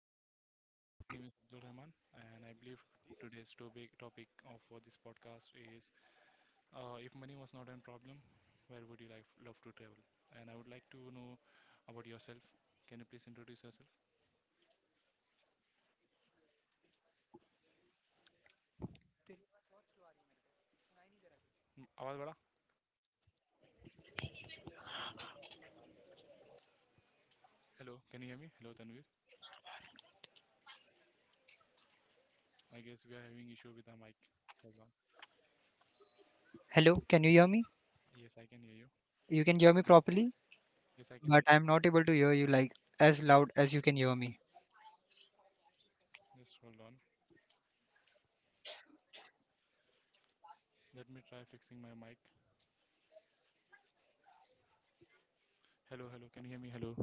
ahead. And my name is Abdul Rahman, and I believe today's topic of for this podcast is if money was not a problem, where would you love to travel? And I would like to know about yourself. Can you please introduce yourself? Awaz bada. Hello, can you hear me? Hello Tanvir. I guess we are having issue with the mic. Hold on. Hello, can you hear me? Yes, I can hear you. You can hear me properly, Yes, I can but hear. I'm not able to hear you like as loud as you can hear me. Just hold on. Let me try fixing my mic. Hello, hello. Can you hear me? Hello,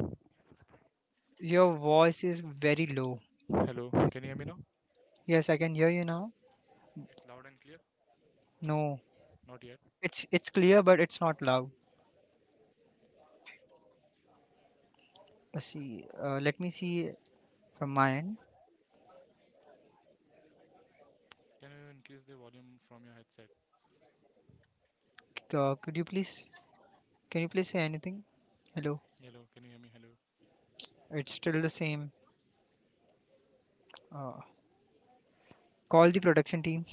Your voice is very low. hello. Can you hear me now? Yes, I can hear you now. It's loud and clear. No, Not yet. it's clear, but it's not loud. See, let me see from my end. Can you increase the volume from your headset? C- Uh, could you please, can you please say anything? Hello, Hello, can you hear me? Hello. it's still the same. Uh, Call the production team.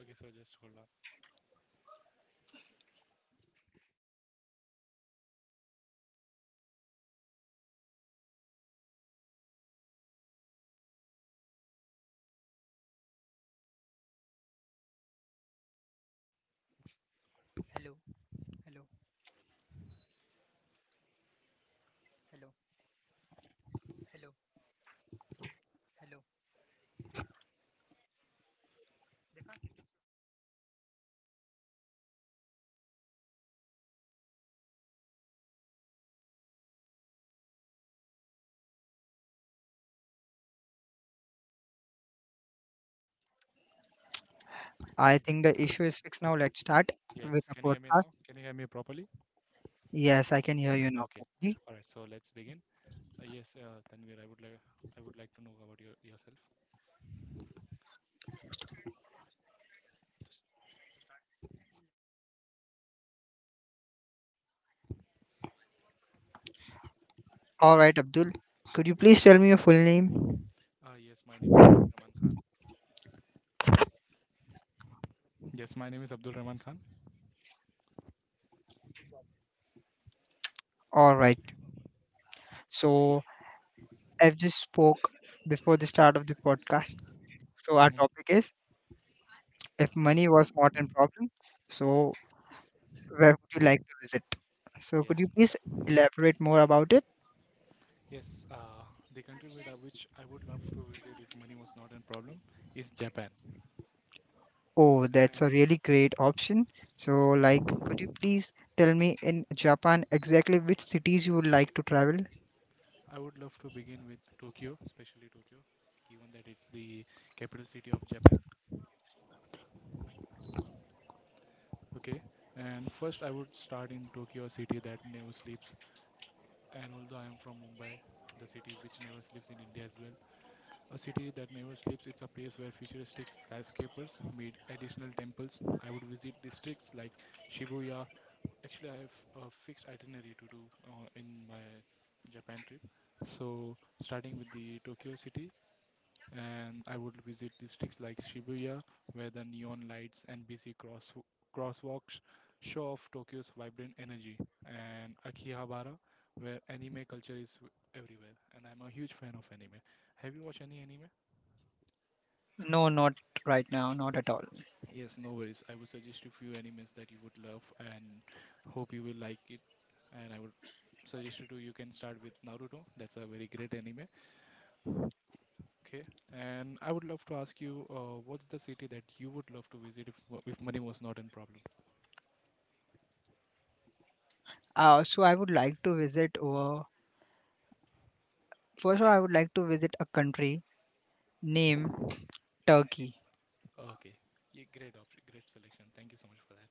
Okay, so just hold on. I think the issue is fixed now. Let's start with Yes, the can you hear me now? podcast. Can you hear me properly? Yes, I can hear you now, Okay. properly. All right, so let's begin. Yes, Tanvir, I would like to know about yourself. Just All right, Abdul. Could you please tell me your full name? Yes, my name is Abdul Rahman Khan. Yes, my name is Abdul Rahman Khan. All right. So, I've just spoke before the start of the podcast. So, our hmm topic is if money If was not a problem, so where would you like to visit? So, yes, could you please tell. elaborate more about it? Yes, uh, the country with which I would love to visit if money was not a problem is Japan. Oh, that's And a really great option. So, like, could you please tell me in Japan exactly which cities you would like to travel? I would love to begin with Tokyo, especially Tokyo, given that it's the capital city of Japan. Okay, and first I would start in Tokyo, a city that never sleeps. And although I am from Mumbai, the city which never sleeps in India as well, a city that never sleeps, it's a place where futuristic skyscrapers meet additional temples. I would visit districts like Shibuya. Actually, I have a fixed itinerary to do in my Japan trip. So, starting with the Tokyo city, and I would visit districts like Shibuya, where the neon lights and busy crosswalks show off Tokyo's vibrant energy, and Akihabara, where anime culture is everywhere. And I'm a huge fan of anime. Have you watched any anime? No, not right now, not at all. Yes, no worries. I would suggest you few animes that you would love and hope you will like it. And I would suggest you can start with Naruto. That's a very great anime. Okay, and I would love to ask you, what's the city that you would love to visit if money was not in problem? So I would like to visit, first of all, I would like to visit a country named Turkey. Okay, yeah, great option, great selection. Thank you so much for that.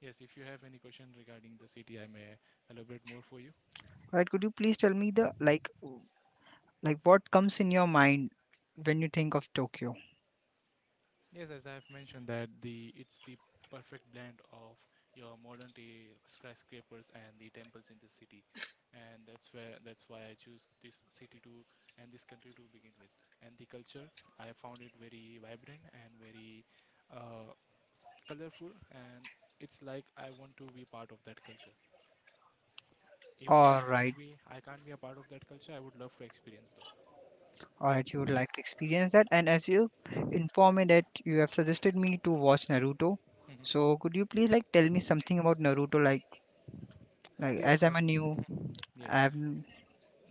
Yes, if you have any question regarding the city, I may elaborate more for you. Alright, could you please tell me the like, what comes in your mind when you think of Tokyo? Yes, as I have mentioned that the it's the perfect blend of your modern day skyscrapers and the temples in this city, and that's why I choose this city to and this country to begin with. And the culture, I found it very vibrant and very uh, colorful, and it's like I want to be part of that culture. Even though I All right, can't be I can't be a part of that culture, I would love to experience though. all right, you would like to experience that. And as you inform me that you have suggested me to watch Naruto, Hmm so could you please like tell me something about Naruto? Like, Yes, as I'm a new, mhm. yes. I'm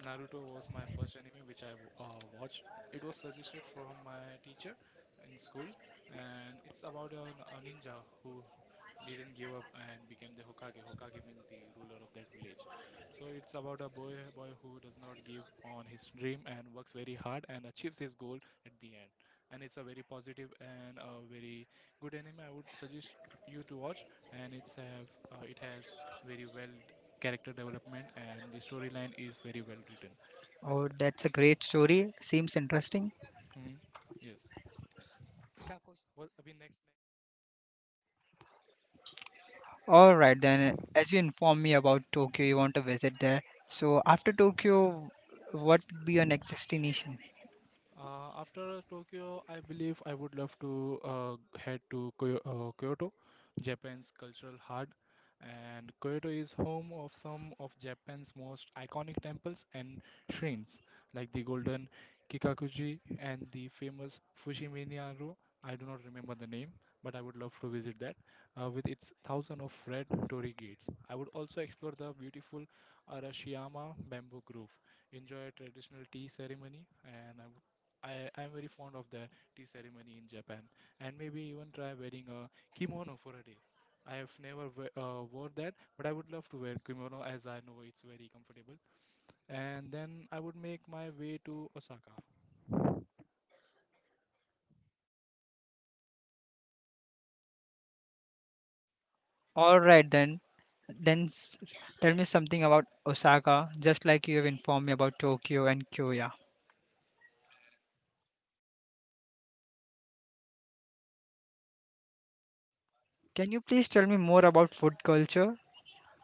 Naruto was my first anime which I watched. It was suggested from my teacher in school, and it's about a ninja who didn't give up and became the Hokage. Hokage means the ruler of that village. So it's about a boy who does not give on his dream and works very hard and achieves his goal at the end. And it's a very positive and a very good anime. I would suggest you to watch, and it has very well character development, and the storyline is very well written. oh, that's a great story. Seems interesting. Hmm. Yes. What? I mean, next, All right, then, as you inform me about Tokyo, you want to visit there. So, after Tokyo, what would be your next destination? After Tokyo, I believe I would love to head to Kyoto, Japan's cultural heart. And Kyoto is home of some of Japan's most iconic temples and shrines, like the Golden Kikakuji and the famous Fushimi-naru. I do not remember the name, but I would love to visit that with its thousand of red torii gates. I would also explore the beautiful Arashiyama bamboo grove, enjoy a traditional tea ceremony, and I would I I'm very fond of that tea ceremony in Japan, and maybe even try wearing a kimono for a day. I have never wore that, but I would love to wear kimono as I know it's very comfortable. And then I would make my way to Osaka. All right then. Then s- Tell me something about Osaka, just like you have informed me about Tokyo and Kyoto. Can you please tell me more about food culture?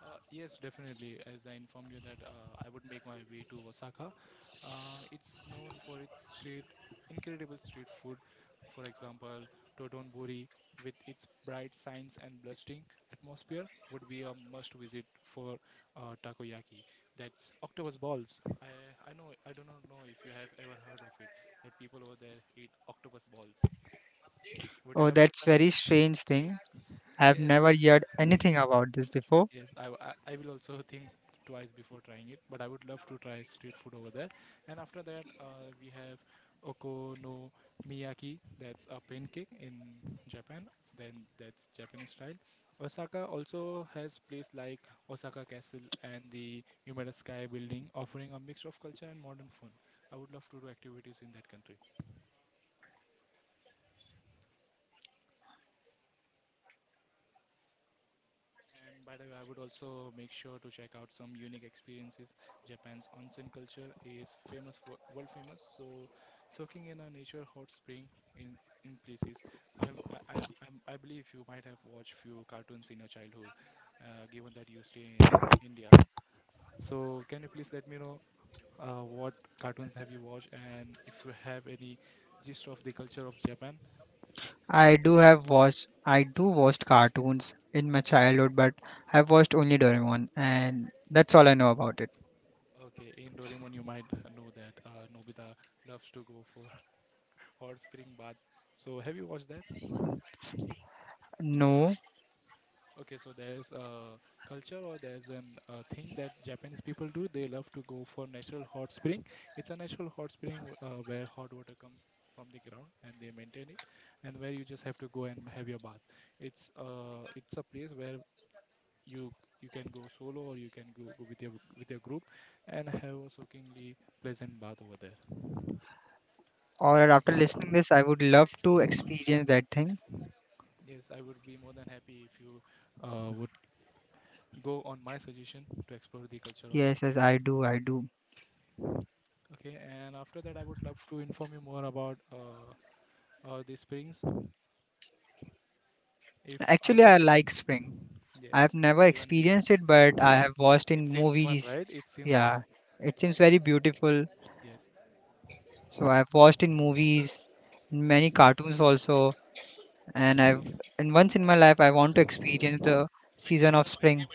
Yes, definitely. As I informed you that I would make my way to Osaka. It's known for incredible street food. For example, Dotonbori, with its bright signs and blustering atmosphere, would be a must-visit for takoyaki. That's octopus balls. I know I do not know if you have ever heard of it. That people over there eat octopus balls. Would you Oh, love to that's try it? very strange thing. I've Yes. never heard anything about this before. Yes, I will also think twice before trying it, but I would love to try street food over there. And after that, we have okonomiyaki, that's a pancake in Japan. Then that's Japanese style. Osaka also has place like Osaka Castle and the Yumeda Sky Building, offering a mix of culture and modern fun. I would love to do activities in that country. And by the way, I would also make sure to check out some unique experiences. Japan's onsen culture is famous for world famous, so soaking in a nature hot spring in in places. I'm I, I'm, I believe you might have watched few cartoons in your childhood, given that you stay in India. So can you please let me know what cartoons have you watched and if you have any gist of the culture of Japan? I do watched cartoons in my childhood, but I've watched only Doraemon and that's all I know about it. Okay, in Doraemon you might know that Nobita loves to go for hot spring bath. So have you watched that? No. Okay, so there's a culture or there's an thing that Japanese people do. They love to go for natural hot spring. It's a natural hot spring where hot water comes from the ground and they maintain it, and where you just have to go and have your bath. It's a place where you you can go solo or you can go with your group and have a soakingly pleasant bath over there. All right, after listening this, I would love to experience that thing. Yes, I would be more than happy if you would go on my suggestion to explore the culture of Yes, Japan. yes, I do, I do. Okay, and after that, I would love to inform you more about the springs. If I Actually, I was, like spring. I've yes, never even me, experienced it, but I have watched it in seems fun, movies. right? It seems fun. Yeah, it Yes. seems very beautiful. Mm. So I've watched in movies, in many cartoons also, and I've and once in my life I want to experience the season of spring.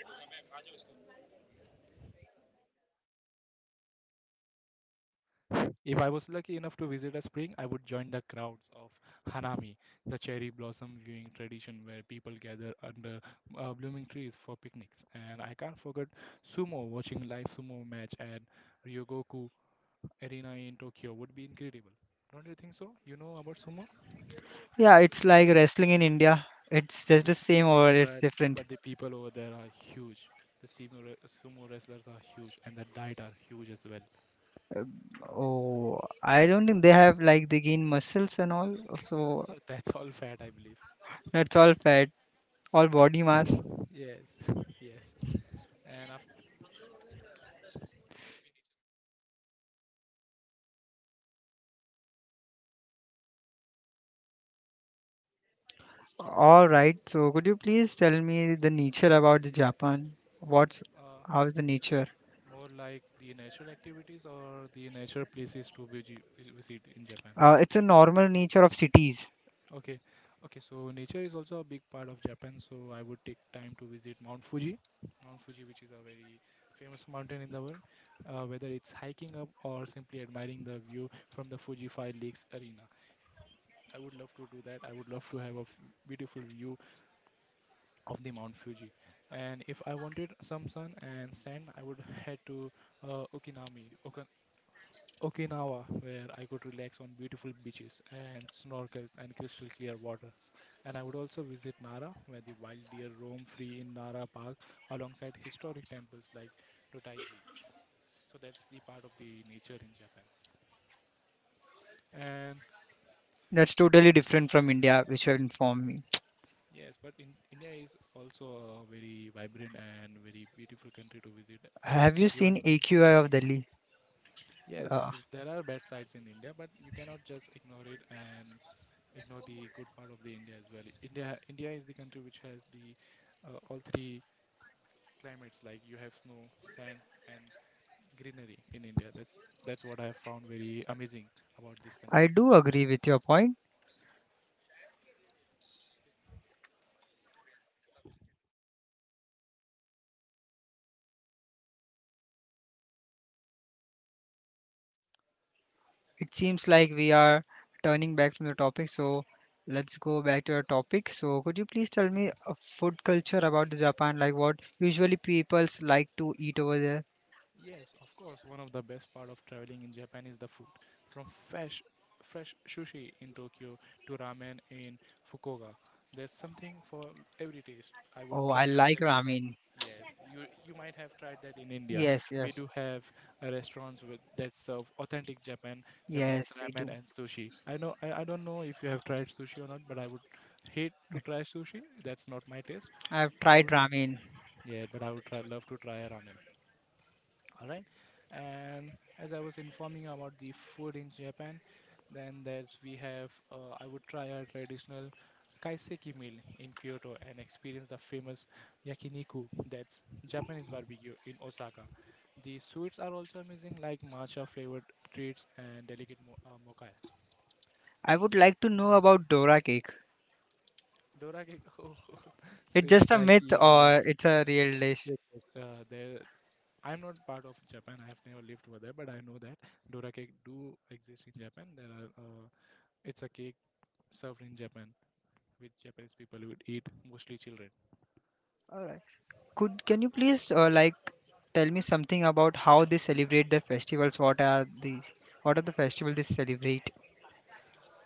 If I was lucky enough to visit a spring, I would join the crowds of Hanami, the cherry blossom viewing tradition where people gather under blooming trees for picnics. And I can't forget sumo, watching live sumo match at Ryogoku Arena in Tokyo would be incredible. Don't you think so? You know about sumo? Yeah, it's like wrestling in India. It's just Yeah. the same or it's But different. but the people over there are huge. The sumo wrestlers are huge, and the diet are huge as well. Uh, Oh, I don't think they have like they gain muscles and all. So That's all fat, I believe. that's all fat, all body mass. Yes, yes. And after, All right. So could you please tell me the nature about the Japan? What's uh, How's the nature? more like the natural activities or the natural places to visit in Japan. It's a normal nature of cities. Okay, okay. So nature is also a big part of Japan. So I would take time to visit Mount Fuji. Mount Fuji, which is a very famous mountain in the world, whether it's hiking up or simply admiring the view from the Fuji Five Lakes Arena. I would love to do that. I would love to have a beautiful view of the Mount Fuji. And if I wanted some sun and sand, I would head to Okinami, Okin Okinawa, where I could relax on beautiful beaches and snorkels and crystal clear waters. And I would also visit Nara, where the wild deer roam free in Nara Park alongside historic temples like Dotaiji. So that's the part of the nature in Japan. And That's totally different from India, which will inform me. yes, but in India is also a very vibrant and very beautiful country to visit. Have you Given, seen AQI of Delhi? yes, Uh, if there are bad sides in India, but you cannot just ignore it and ignore the good part of the India as well. India is the country which has the all three climates. Like you have snow, sand, and greenery in India. That's what I have found very amazing about this I country. do agree with your point. It seems like we are turning back from the topic, so let's go back to our topic. So could you Yeah. please tell me a food culture about the Japan? Like what usually peoples like to eat over there? Yes, of course. One of the best part of traveling in Japan is the food. From fresh sushi in Tokyo to ramen in Fukuoka. There's something for every taste. I would Oh, try I a like traditional. ramen. Yes, you might have tried that in India. Yes, We yes. do have restaurants with that serve authentic Japan, Japanese Yes, we ramen do. and sushi. I know I don't know if you have tried sushi or not, but I would hate to try sushi. That's not my taste. I've But I tried would, ramen. yeah, but I would try, love to try a ramen. All right. And As I was informing about the food in Japan, then there's we have I would try a traditional kaiseki meal in Kyoto and experience the famous yakiniku, that's Japanese barbecue in Osaka. The sweets are also amazing, like matcha flavored treats and delicate mocha, I would like to know about Dora cake. dora cake. Oh, It's seems just a like myth you are a or it's a real dish? yes, yes, there, I'm not part of Japan. I've never lived over there, but I know that Dora cake do exist in Japan. There are it's a cake served in Japan, which Japanese people would eat, mostly children. Alright. Could Can you please like tell me something about how they celebrate their festivals? What are the festivals they celebrate?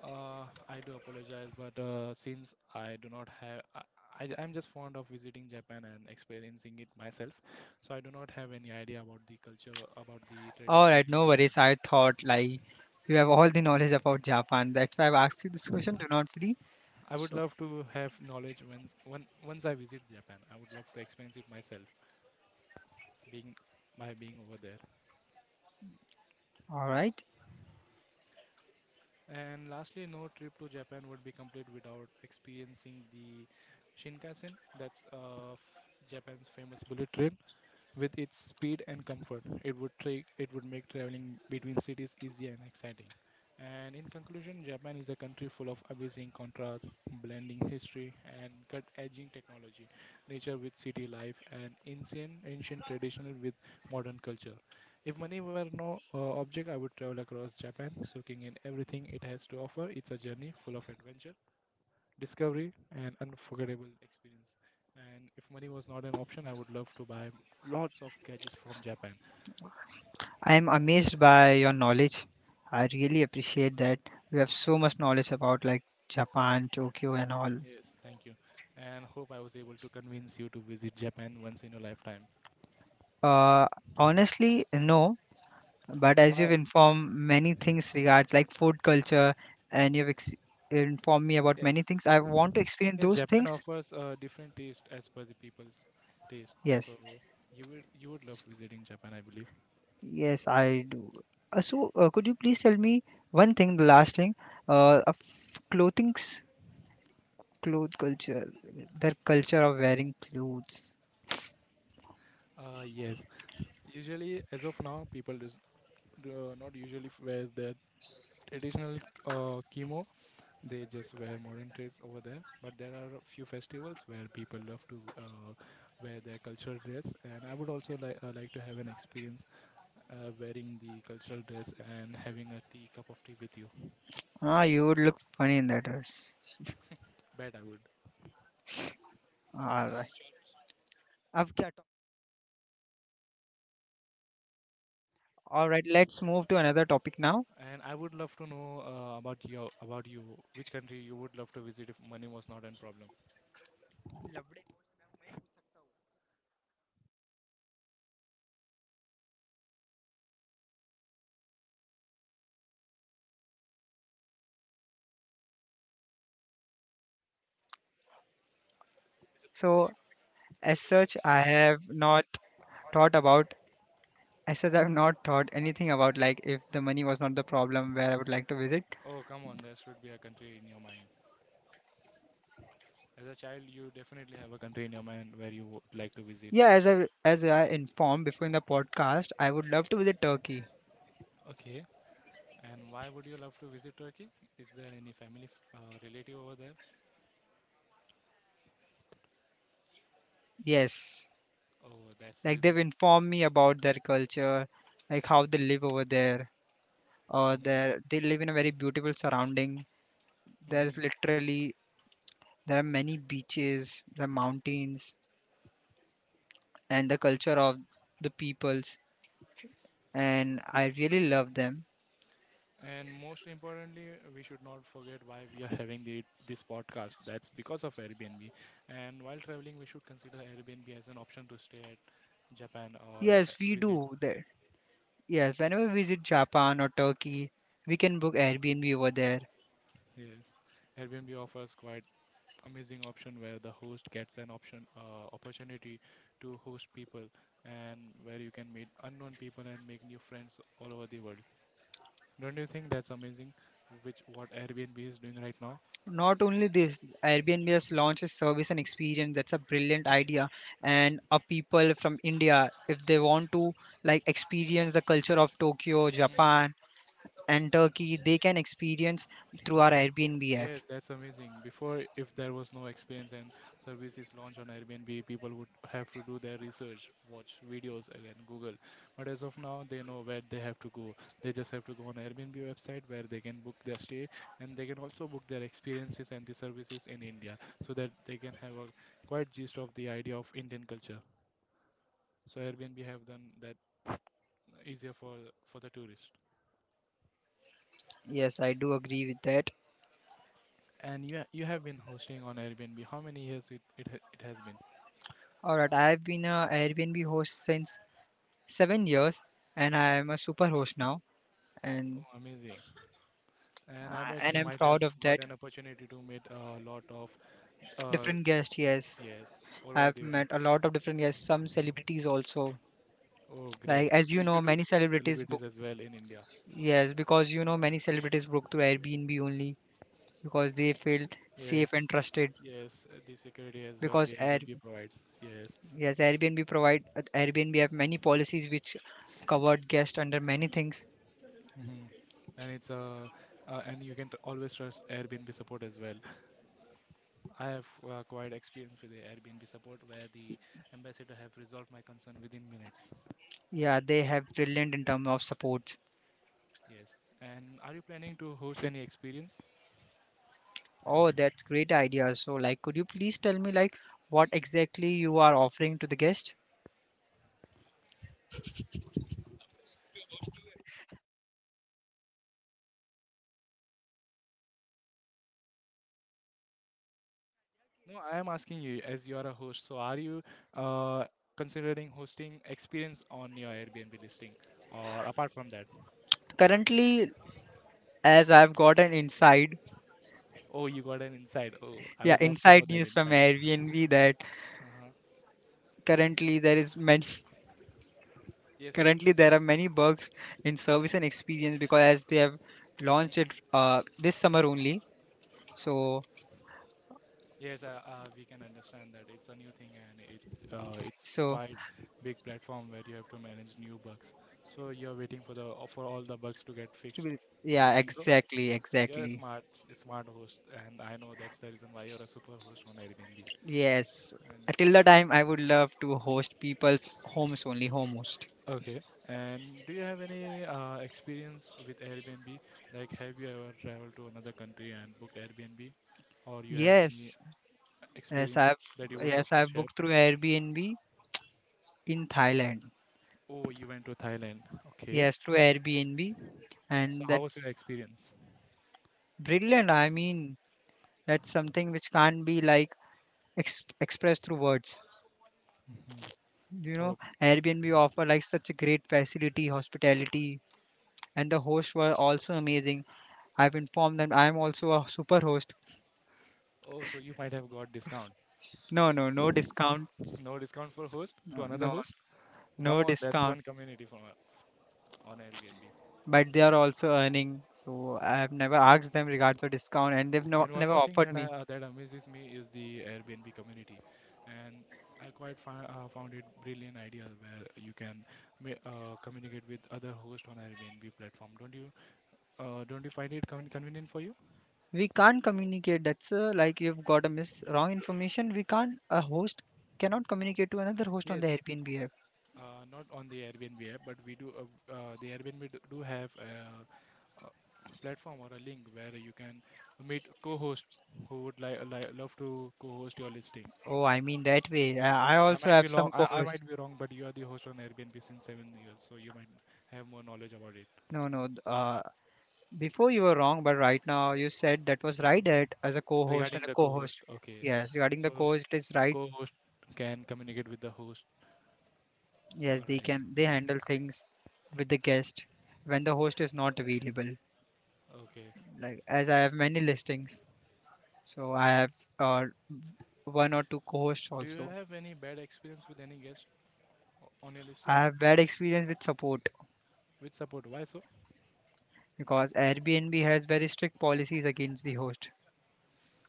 I do apologize, but since I do not have, I'm just fond of visiting Japan and experiencing it myself, so I do not have any idea about the culture, or about the tradition Alright, in no Japan. worries. I thought like you have all the knowledge about Japan. That's why I've asked you this question. Do not feel I would so. love to have knowledge when once I visit Japan. I would love to experience it myself, being by being over there. Alright. And lastly, no trip to Japan would be complete without experiencing the Shinkansen. That's Japan's famous bullet train. With its speed and comfort, it would it would make traveling between cities easy and exciting. And in conclusion, Japan is a country full of amazing contrasts, blending history and cut-edging technology, nature with city life, and ancient traditional with modern culture. If money were no object, I would travel across Japan, soaking in everything it has to offer. It's a journey full of adventure, discovery and unforgettable experience. And if money was not an option, I would love to buy lots of gadgets from Japan. I am amazed by your knowledge. I really appreciate that. You have so much knowledge about like Japan, Tokyo, and all. Yes, thank you. And hope I was able to convince you to visit Japan once in your lifetime. Uh, Honestly, no. But as you've Why? informed many things regards like food culture, and you've informed me about many Yes. things, I want to experience Yes, those Japan things. offers a different taste as per the people's taste. So Yes, you would love visiting Japan, I believe. yes, I do. So, could you please tell me one thing, the last thing, of clothing's cloth culture, their culture of wearing clothes. Yes. Usually, as of now, do not usually wear their traditional kimono. They just wear modern dress over there. But there are a few festivals where people love to wear their cultural dress, and I would also like to have an experience wearing the cultural dress and having a tea cup of tea with you. Ah, you would look funny in that dress. Bet I would. All right. All right, let's move to another topic now. And I would love to know about you. Which country you would love to visit if money was not a problem? Lovely. So, as such i have not thought about as such I've not thought anything about like if the money was not the problem, where I would like to visit. Oh, come on, there should be a country in your mind. As a child, you definitely have a country in your mind where you would like to visit. Yeah, as I informed before in the podcast, I would love to visit Turkey. Okay. And why would you love to visit Turkey? Is there any family relative over there? Yes, Oh, that's the like reason. they've informed me about their culture, like how they live over there, or Mhm, their they live in a very beautiful surrounding. there's mhm. literally there are many beaches, the mountains, and the culture of the peoples, and I really love them. And most importantly, we should not forget why we are having this podcast. That's because of Airbnb. And while traveling, we should consider Airbnb as an option to stay at Japan or Yes, we visit. do that. Yes, whenever we visit Japan or Turkey, we can book Airbnb over there. Yes, Airbnb offers quite amazing option where the host gets an option opportunity to host people and where you can meet unknown people and make new friends all over the world. Don't you think that's amazing? Which What Airbnb is doing right now? Not only this, Airbnb has launched a service and experience that's a brilliant idea. And a people from India, if they want to like experience the culture of Tokyo, Hmm. Japan, and Turkey, they can experience through our Airbnb app. Yes, that's amazing. Before, if there was no experience and service is launched on Airbnb, people would have to do their research, watch videos again, Google. But as of now, they know where they have to go. They just have to go on Airbnb website where they can book their stay, and they can also book their experiences and the services in India so that they can have a quite gist of the idea of Indian culture. So Airbnb have done that easier for the tourist. Yes, I do agree with that. And you have been hosting on Airbnb. How many years it has been? All right, I've been a Airbnb host since 7 years, and I am a super host now, Oh, and amazing. And I uh, bet and you I'm might have proud of got that. an opportunity to meet a lot of uh, Different guest, yes. yes, all over I've the world. met a lot of different, yes, some celebrities also. Oh, great. Like, as you know, You do many meet celebrities book, celebrities as well in India. yes, because you know many celebrities book through Airbnb only, because they feel Yes. safe and trusted. Yes, the security as well, the Because Air Airbnb provides. Yes. Yes, Airbnb have many policies which covered guests under many things. Hmm. And it's and you can always trust Airbnb support as well. I have quite experience with the Airbnb support where the ambassador have resolved my concern within minutes. Yeah, they have brilliant in terms of support. Yes. And are you planning to host any experience? Oh, that's great idea. So like could you please tell me like what exactly you are offering to the guest? No, I am asking you as you are a host. So are you uh, considering hosting experience on your Airbnb listing or apart from that? Currently, as I've got an insight, Oh, you got an insight. Oh, I yeah, would love to know inside that news from insight. Airbnb that Uh-huh. currently there is many Yes, yes, currently please. there are many bugs in service and experience because as they have launched it Mhm. This summer only. So Yes, we can understand that it's a new thing and it's so quite big platform where you have to manage new bugs. So you're waiting for the for all the bugs to get fixed. Is yeah, that so? exactly, You're a exactly. Smart host, and I know that's the reason why you're a super host on Airbnb. Yes. And Till the time I would love to host people's homes only, home host. okay, and do you have any experience with Airbnb? Like, have you ever traveled to another country and booked Airbnb, or you have Yes. any Yes, experience I've that you would love yes, to I've share? booked through Airbnb in Thailand. Oh, you went to Thailand. Okay, Yes, through Airbnb so and how was your that's experience? brilliant. I mean, that's something which can't be like expressed through words. Hmm. You know, Oh, Airbnb offer like such a great facility, hospitality, and the hosts were also amazing. I've informed them I'm also a super host. oh, so you might have got discount. No, no, no discount. No discount for host to No, another no, host. Come no on, that's discount. one community for on Airbnb. But they are also earning, so I've never asked them regards to discount, and they've, no, And one never more thing offered that me. That amazes me is the Airbnb community, and I quite found it brilliant idea where you can communicate with other hosts on Airbnb platform. Don't you? Don't you find it convenient for you? We can't communicate. That's like you've got a mis wrong information. We can't. A host cannot communicate to another host on the Yes, Airbnb. Not on the Airbnb app, but we do. The Airbnb do have a, uh, platform or a link where you can meet co-hosts who would love to co-host your listing. Oh, I mean that way. I I also might have be wrong. some I co-host. might be wrong, but you are the host on Airbnb since 7 years, so you might have more knowledge about it. No, no. Before you were wrong, but right now you said that was right. That as a co-host Regarding and a the co-host, co-host. okay. Yes, regarding the So co-host is right. co-host can communicate with the host. Yes, All right. They handle things with the guest when the host is not available. Okay. Like as I have many listings, so I have uh, one or two co-hosts Do you also. have any bad experience with any guest on your listing? I have bad experience with support With support? Why so? because Airbnb has very strict policies against the host.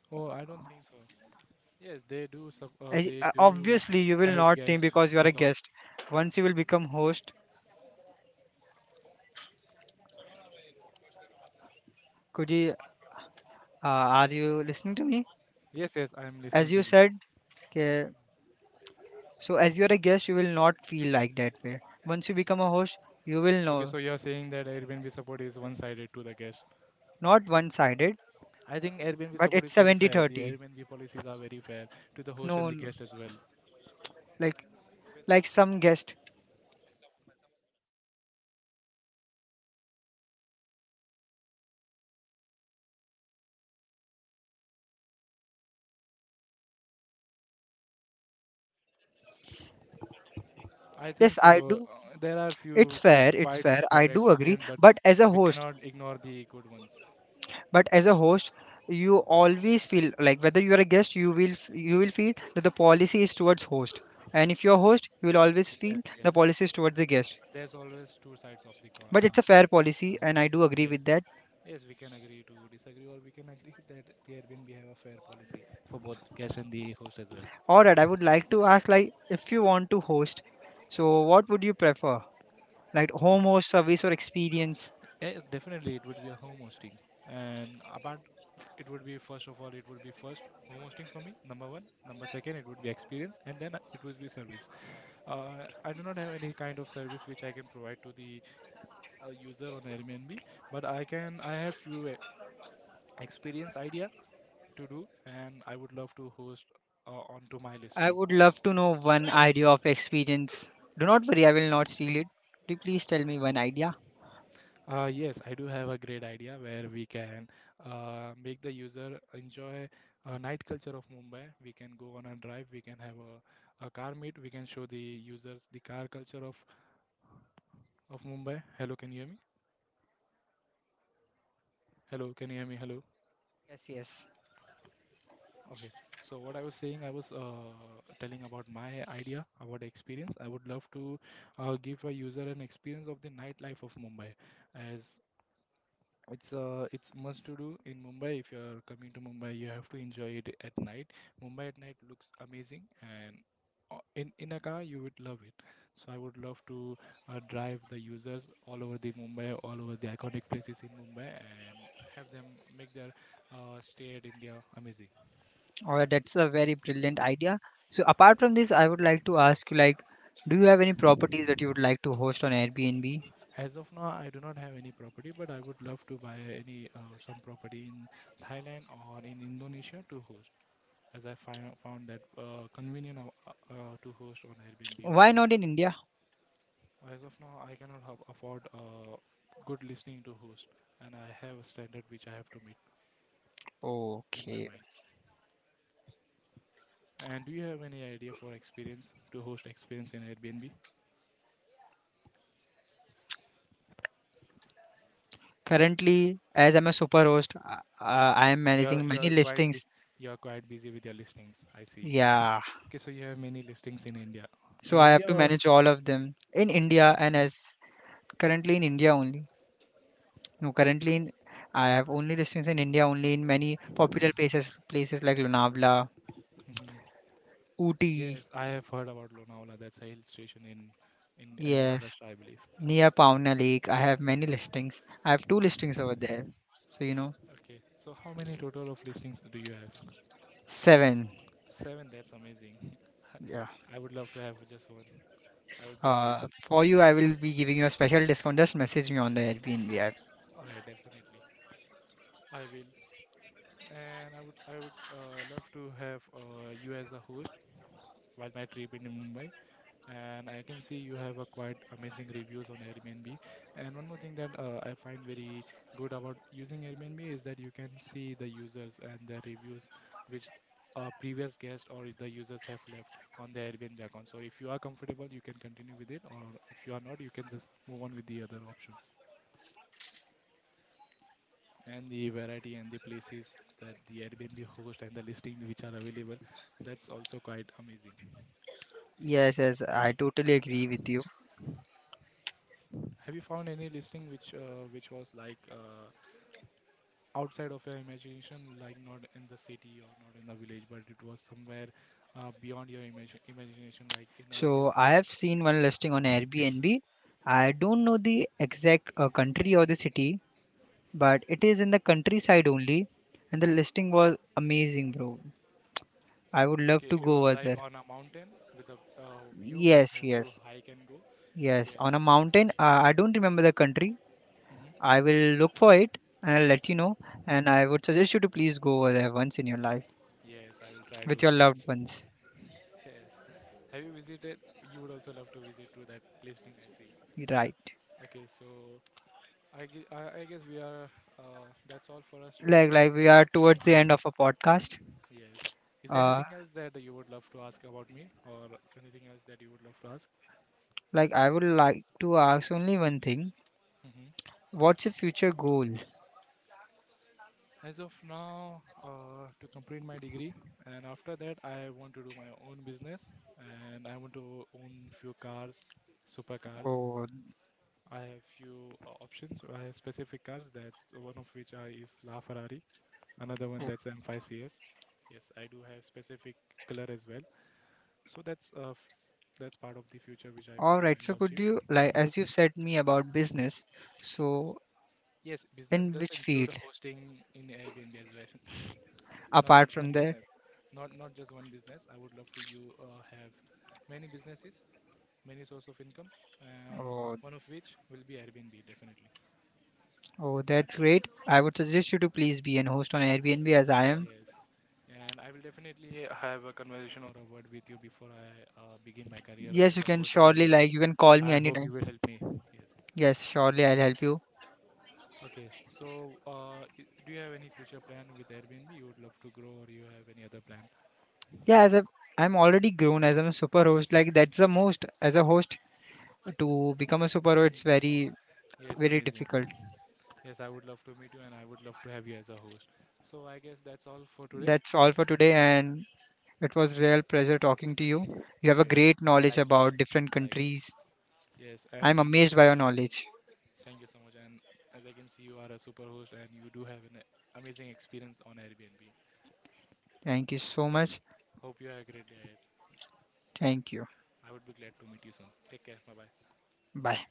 Oh, I don't think so. Yes, they do. They do Obviously you will help not think guests because you are a a lot. guest. Once you will become host, could you are you listening to me? Yes, yes, I am listening As to you you. said, okay. So as you are a guest, you will not feel like that way. Once you become a host, you will Okay, know. so you are saying that Airbnb support is one-sided to the guest. Not one sided, I think Airbnb but support it's is very 70 fair. The 30. Airbnb policies are very fair to the host and No, the no, guest as well. like With, like some guest, I yes think I do. so. There are it's few fair it's fair I bad do agree. experience, but But as a we host, cannot ignore the good ones. but as a host you always feel like whether you are a guest, you will you will feel that the policy is towards host. And if you're a host, you will always Yes, feel yes. the policy is towards the guest. But there's always two sides of the coin. But it's a fair policy Coin. and I do agree Yes, with that. yes. We can agree to disagree, or we can agree that the Airbnb have a fair policy for both guest and the host as well. All right, I would like to ask like if you want to host, so what would you prefer, like home host, service, or experience? Yes, definitely, it would be a home hosting. And apart, it would be first home hosting for me, number one, number second it would be experience, and then it would be service. Uh, I do not have any kind of service which I can provide to the user on Airbnb, but I have few experience idea to do, and I would love to host onto my I listing. would love to know one idea of experience. Do not worry, I will not steal it. Do you please tell me one idea? Uh, yes, I do have a great idea where we can make the user enjoy a night culture of Mumbai. We can go on a drive, we can have a car meet, we can show the users the car culture of Mumbai. Hello, can you hear me? Hello, can you hear me? Hello. Yes, yes. Okay. So what I was saying, I was telling about my idea about experience. I would love to give a user an experience of the nightlife of Mumbai, as it's must to do in Mumbai. If you are coming to Mumbai, you have to enjoy it at night. Mumbai at night looks amazing, and in a car you would love it. So I would love to drive the users all over the Mumbai, all over the iconic places in Mumbai, and have them make their stay at India amazing. Or that's a very brilliant idea. So apart from this, I would like to ask you like, do you have any properties that you would like to host on Airbnb? As of now, I do not have any property, but I would love to buy any some property in Thailand or in Indonesia to host, as I found that convenient to host on Airbnb Why over not in India? there. As of now, I cannot have afford good listening to host, and I have a standard which I have to meet in my Okay. mind. And do you have any idea for experience to host experience in Airbnb? Currently, as I'm a super host, I am You're managing many you're quite listings. bu- you're quite busy with your listings. I see. Yeah. Okay, so you have many listings in India. So In I have India to or manage all of them in India and as currently in India only. No, currently in I okay. have only listings in India only in many popular places like Lonavala, Mhm. Ooty. Yes, I have heard about Lonavala. That's a hill station in in Yes. Maharashtra, I believe. Near Pauna Lake. I have many listings. I have two listings over there. So, Okay, so how many total of listings do you have? seven. Seven, that's amazing. Yeah. I would love to have just one. I would be amazed. For you, I will be giving you a special discount. Just message me on the Airbnb app. All right, definitely. I will. And I would love to have you as a host while my trip in Mumbai. And I can see you have a quite amazing reviews on Airbnb. And one more thing that I find very good about using Airbnb is that you can see the users and the reviews which a previous guest or the users have left on the Airbnb account. So if you are comfortable, you can continue with it, or if you are not, you can just move on with the other options. And the variety and the places that the Airbnb host and the listings which are available, that's also quite amazing. Yes, yes, I totally agree with you. Have you found any listing which was like outside of your imagination, like not in the city or not in the village, but it was somewhere beyond your imagination, like in a hill. So, I have seen one listing on Airbnb. I don't know the exact country or the city, but it is in the countryside only. And the Mhm. listing was amazing, bro. I would love Okay, to it go was over like there. on a mountain with a view where you Yes, have to yes, hike and go. yes. On a Yes. mountain. I don't remember the country, Hmm. I will look for it and I'll let you know. And I would suggest you to please go over there once in your life Yes, I will try with to. your loved ones. Yes. Have you visited? You would also love to visit to that listing. I see. Right. Okay, so I guess we are, that's all for us to Like discuss. like we are towards the end of a podcast. Yes. Is there Uh anything else that you would love to ask about me or anything else that you would love to ask? like I would like to ask only one thing. Mhm. What's your future goal? As of now, to complete my degree, and after that, I want to do my own business, and I want to own few cars, supercars. Oh, I have few options. I have specific cars that one of which I is La Ferrari, another one that's M5 CS. Yes, I do have specific color as well. So that's part of the future which I all believe right. I So will could achieve. you, as you've Mhm. said me about business, so Yes, business in does which include field hosting in Airbnb as well. Not apart just from one that? business, not just one business. I would love to you have many businesses, many source of income, and Oh one of which will be Airbnb definitely. oh that's great. I would suggest you to please be an host on Airbnb as I am. Yes, and I will definitely have a conversation or a word with you before I begin my career Yes, as a host on Airbnb. You can call me I hope anytime. you will help me. Yes. Yes, surely I'll help you. Okay, so do you have any future plan with Airbnb? You would love to grow or you have any other plan? Yeah, as a I'm already grown as I'm a super host. Like that's the most as a host to become a super host. It's Hmm. very, Yes, very amazing. difficult. Yes, I would love to meet you and I would love to have you as a host. So I guess that's all for today. That's all for today, and it was real pleasure talking to you. You have a Yes, great knowledge likewise. about different Likewise. countries. Yes, I'm and amazed by your knowledge. thank you so much. And as I can see, you are a super host and you do have an amazing experience on Airbnb. Thank you so much. Hope you have a great day ahead. Thank you. I would be glad to meet you soon. Take care. Bye bye. Bye.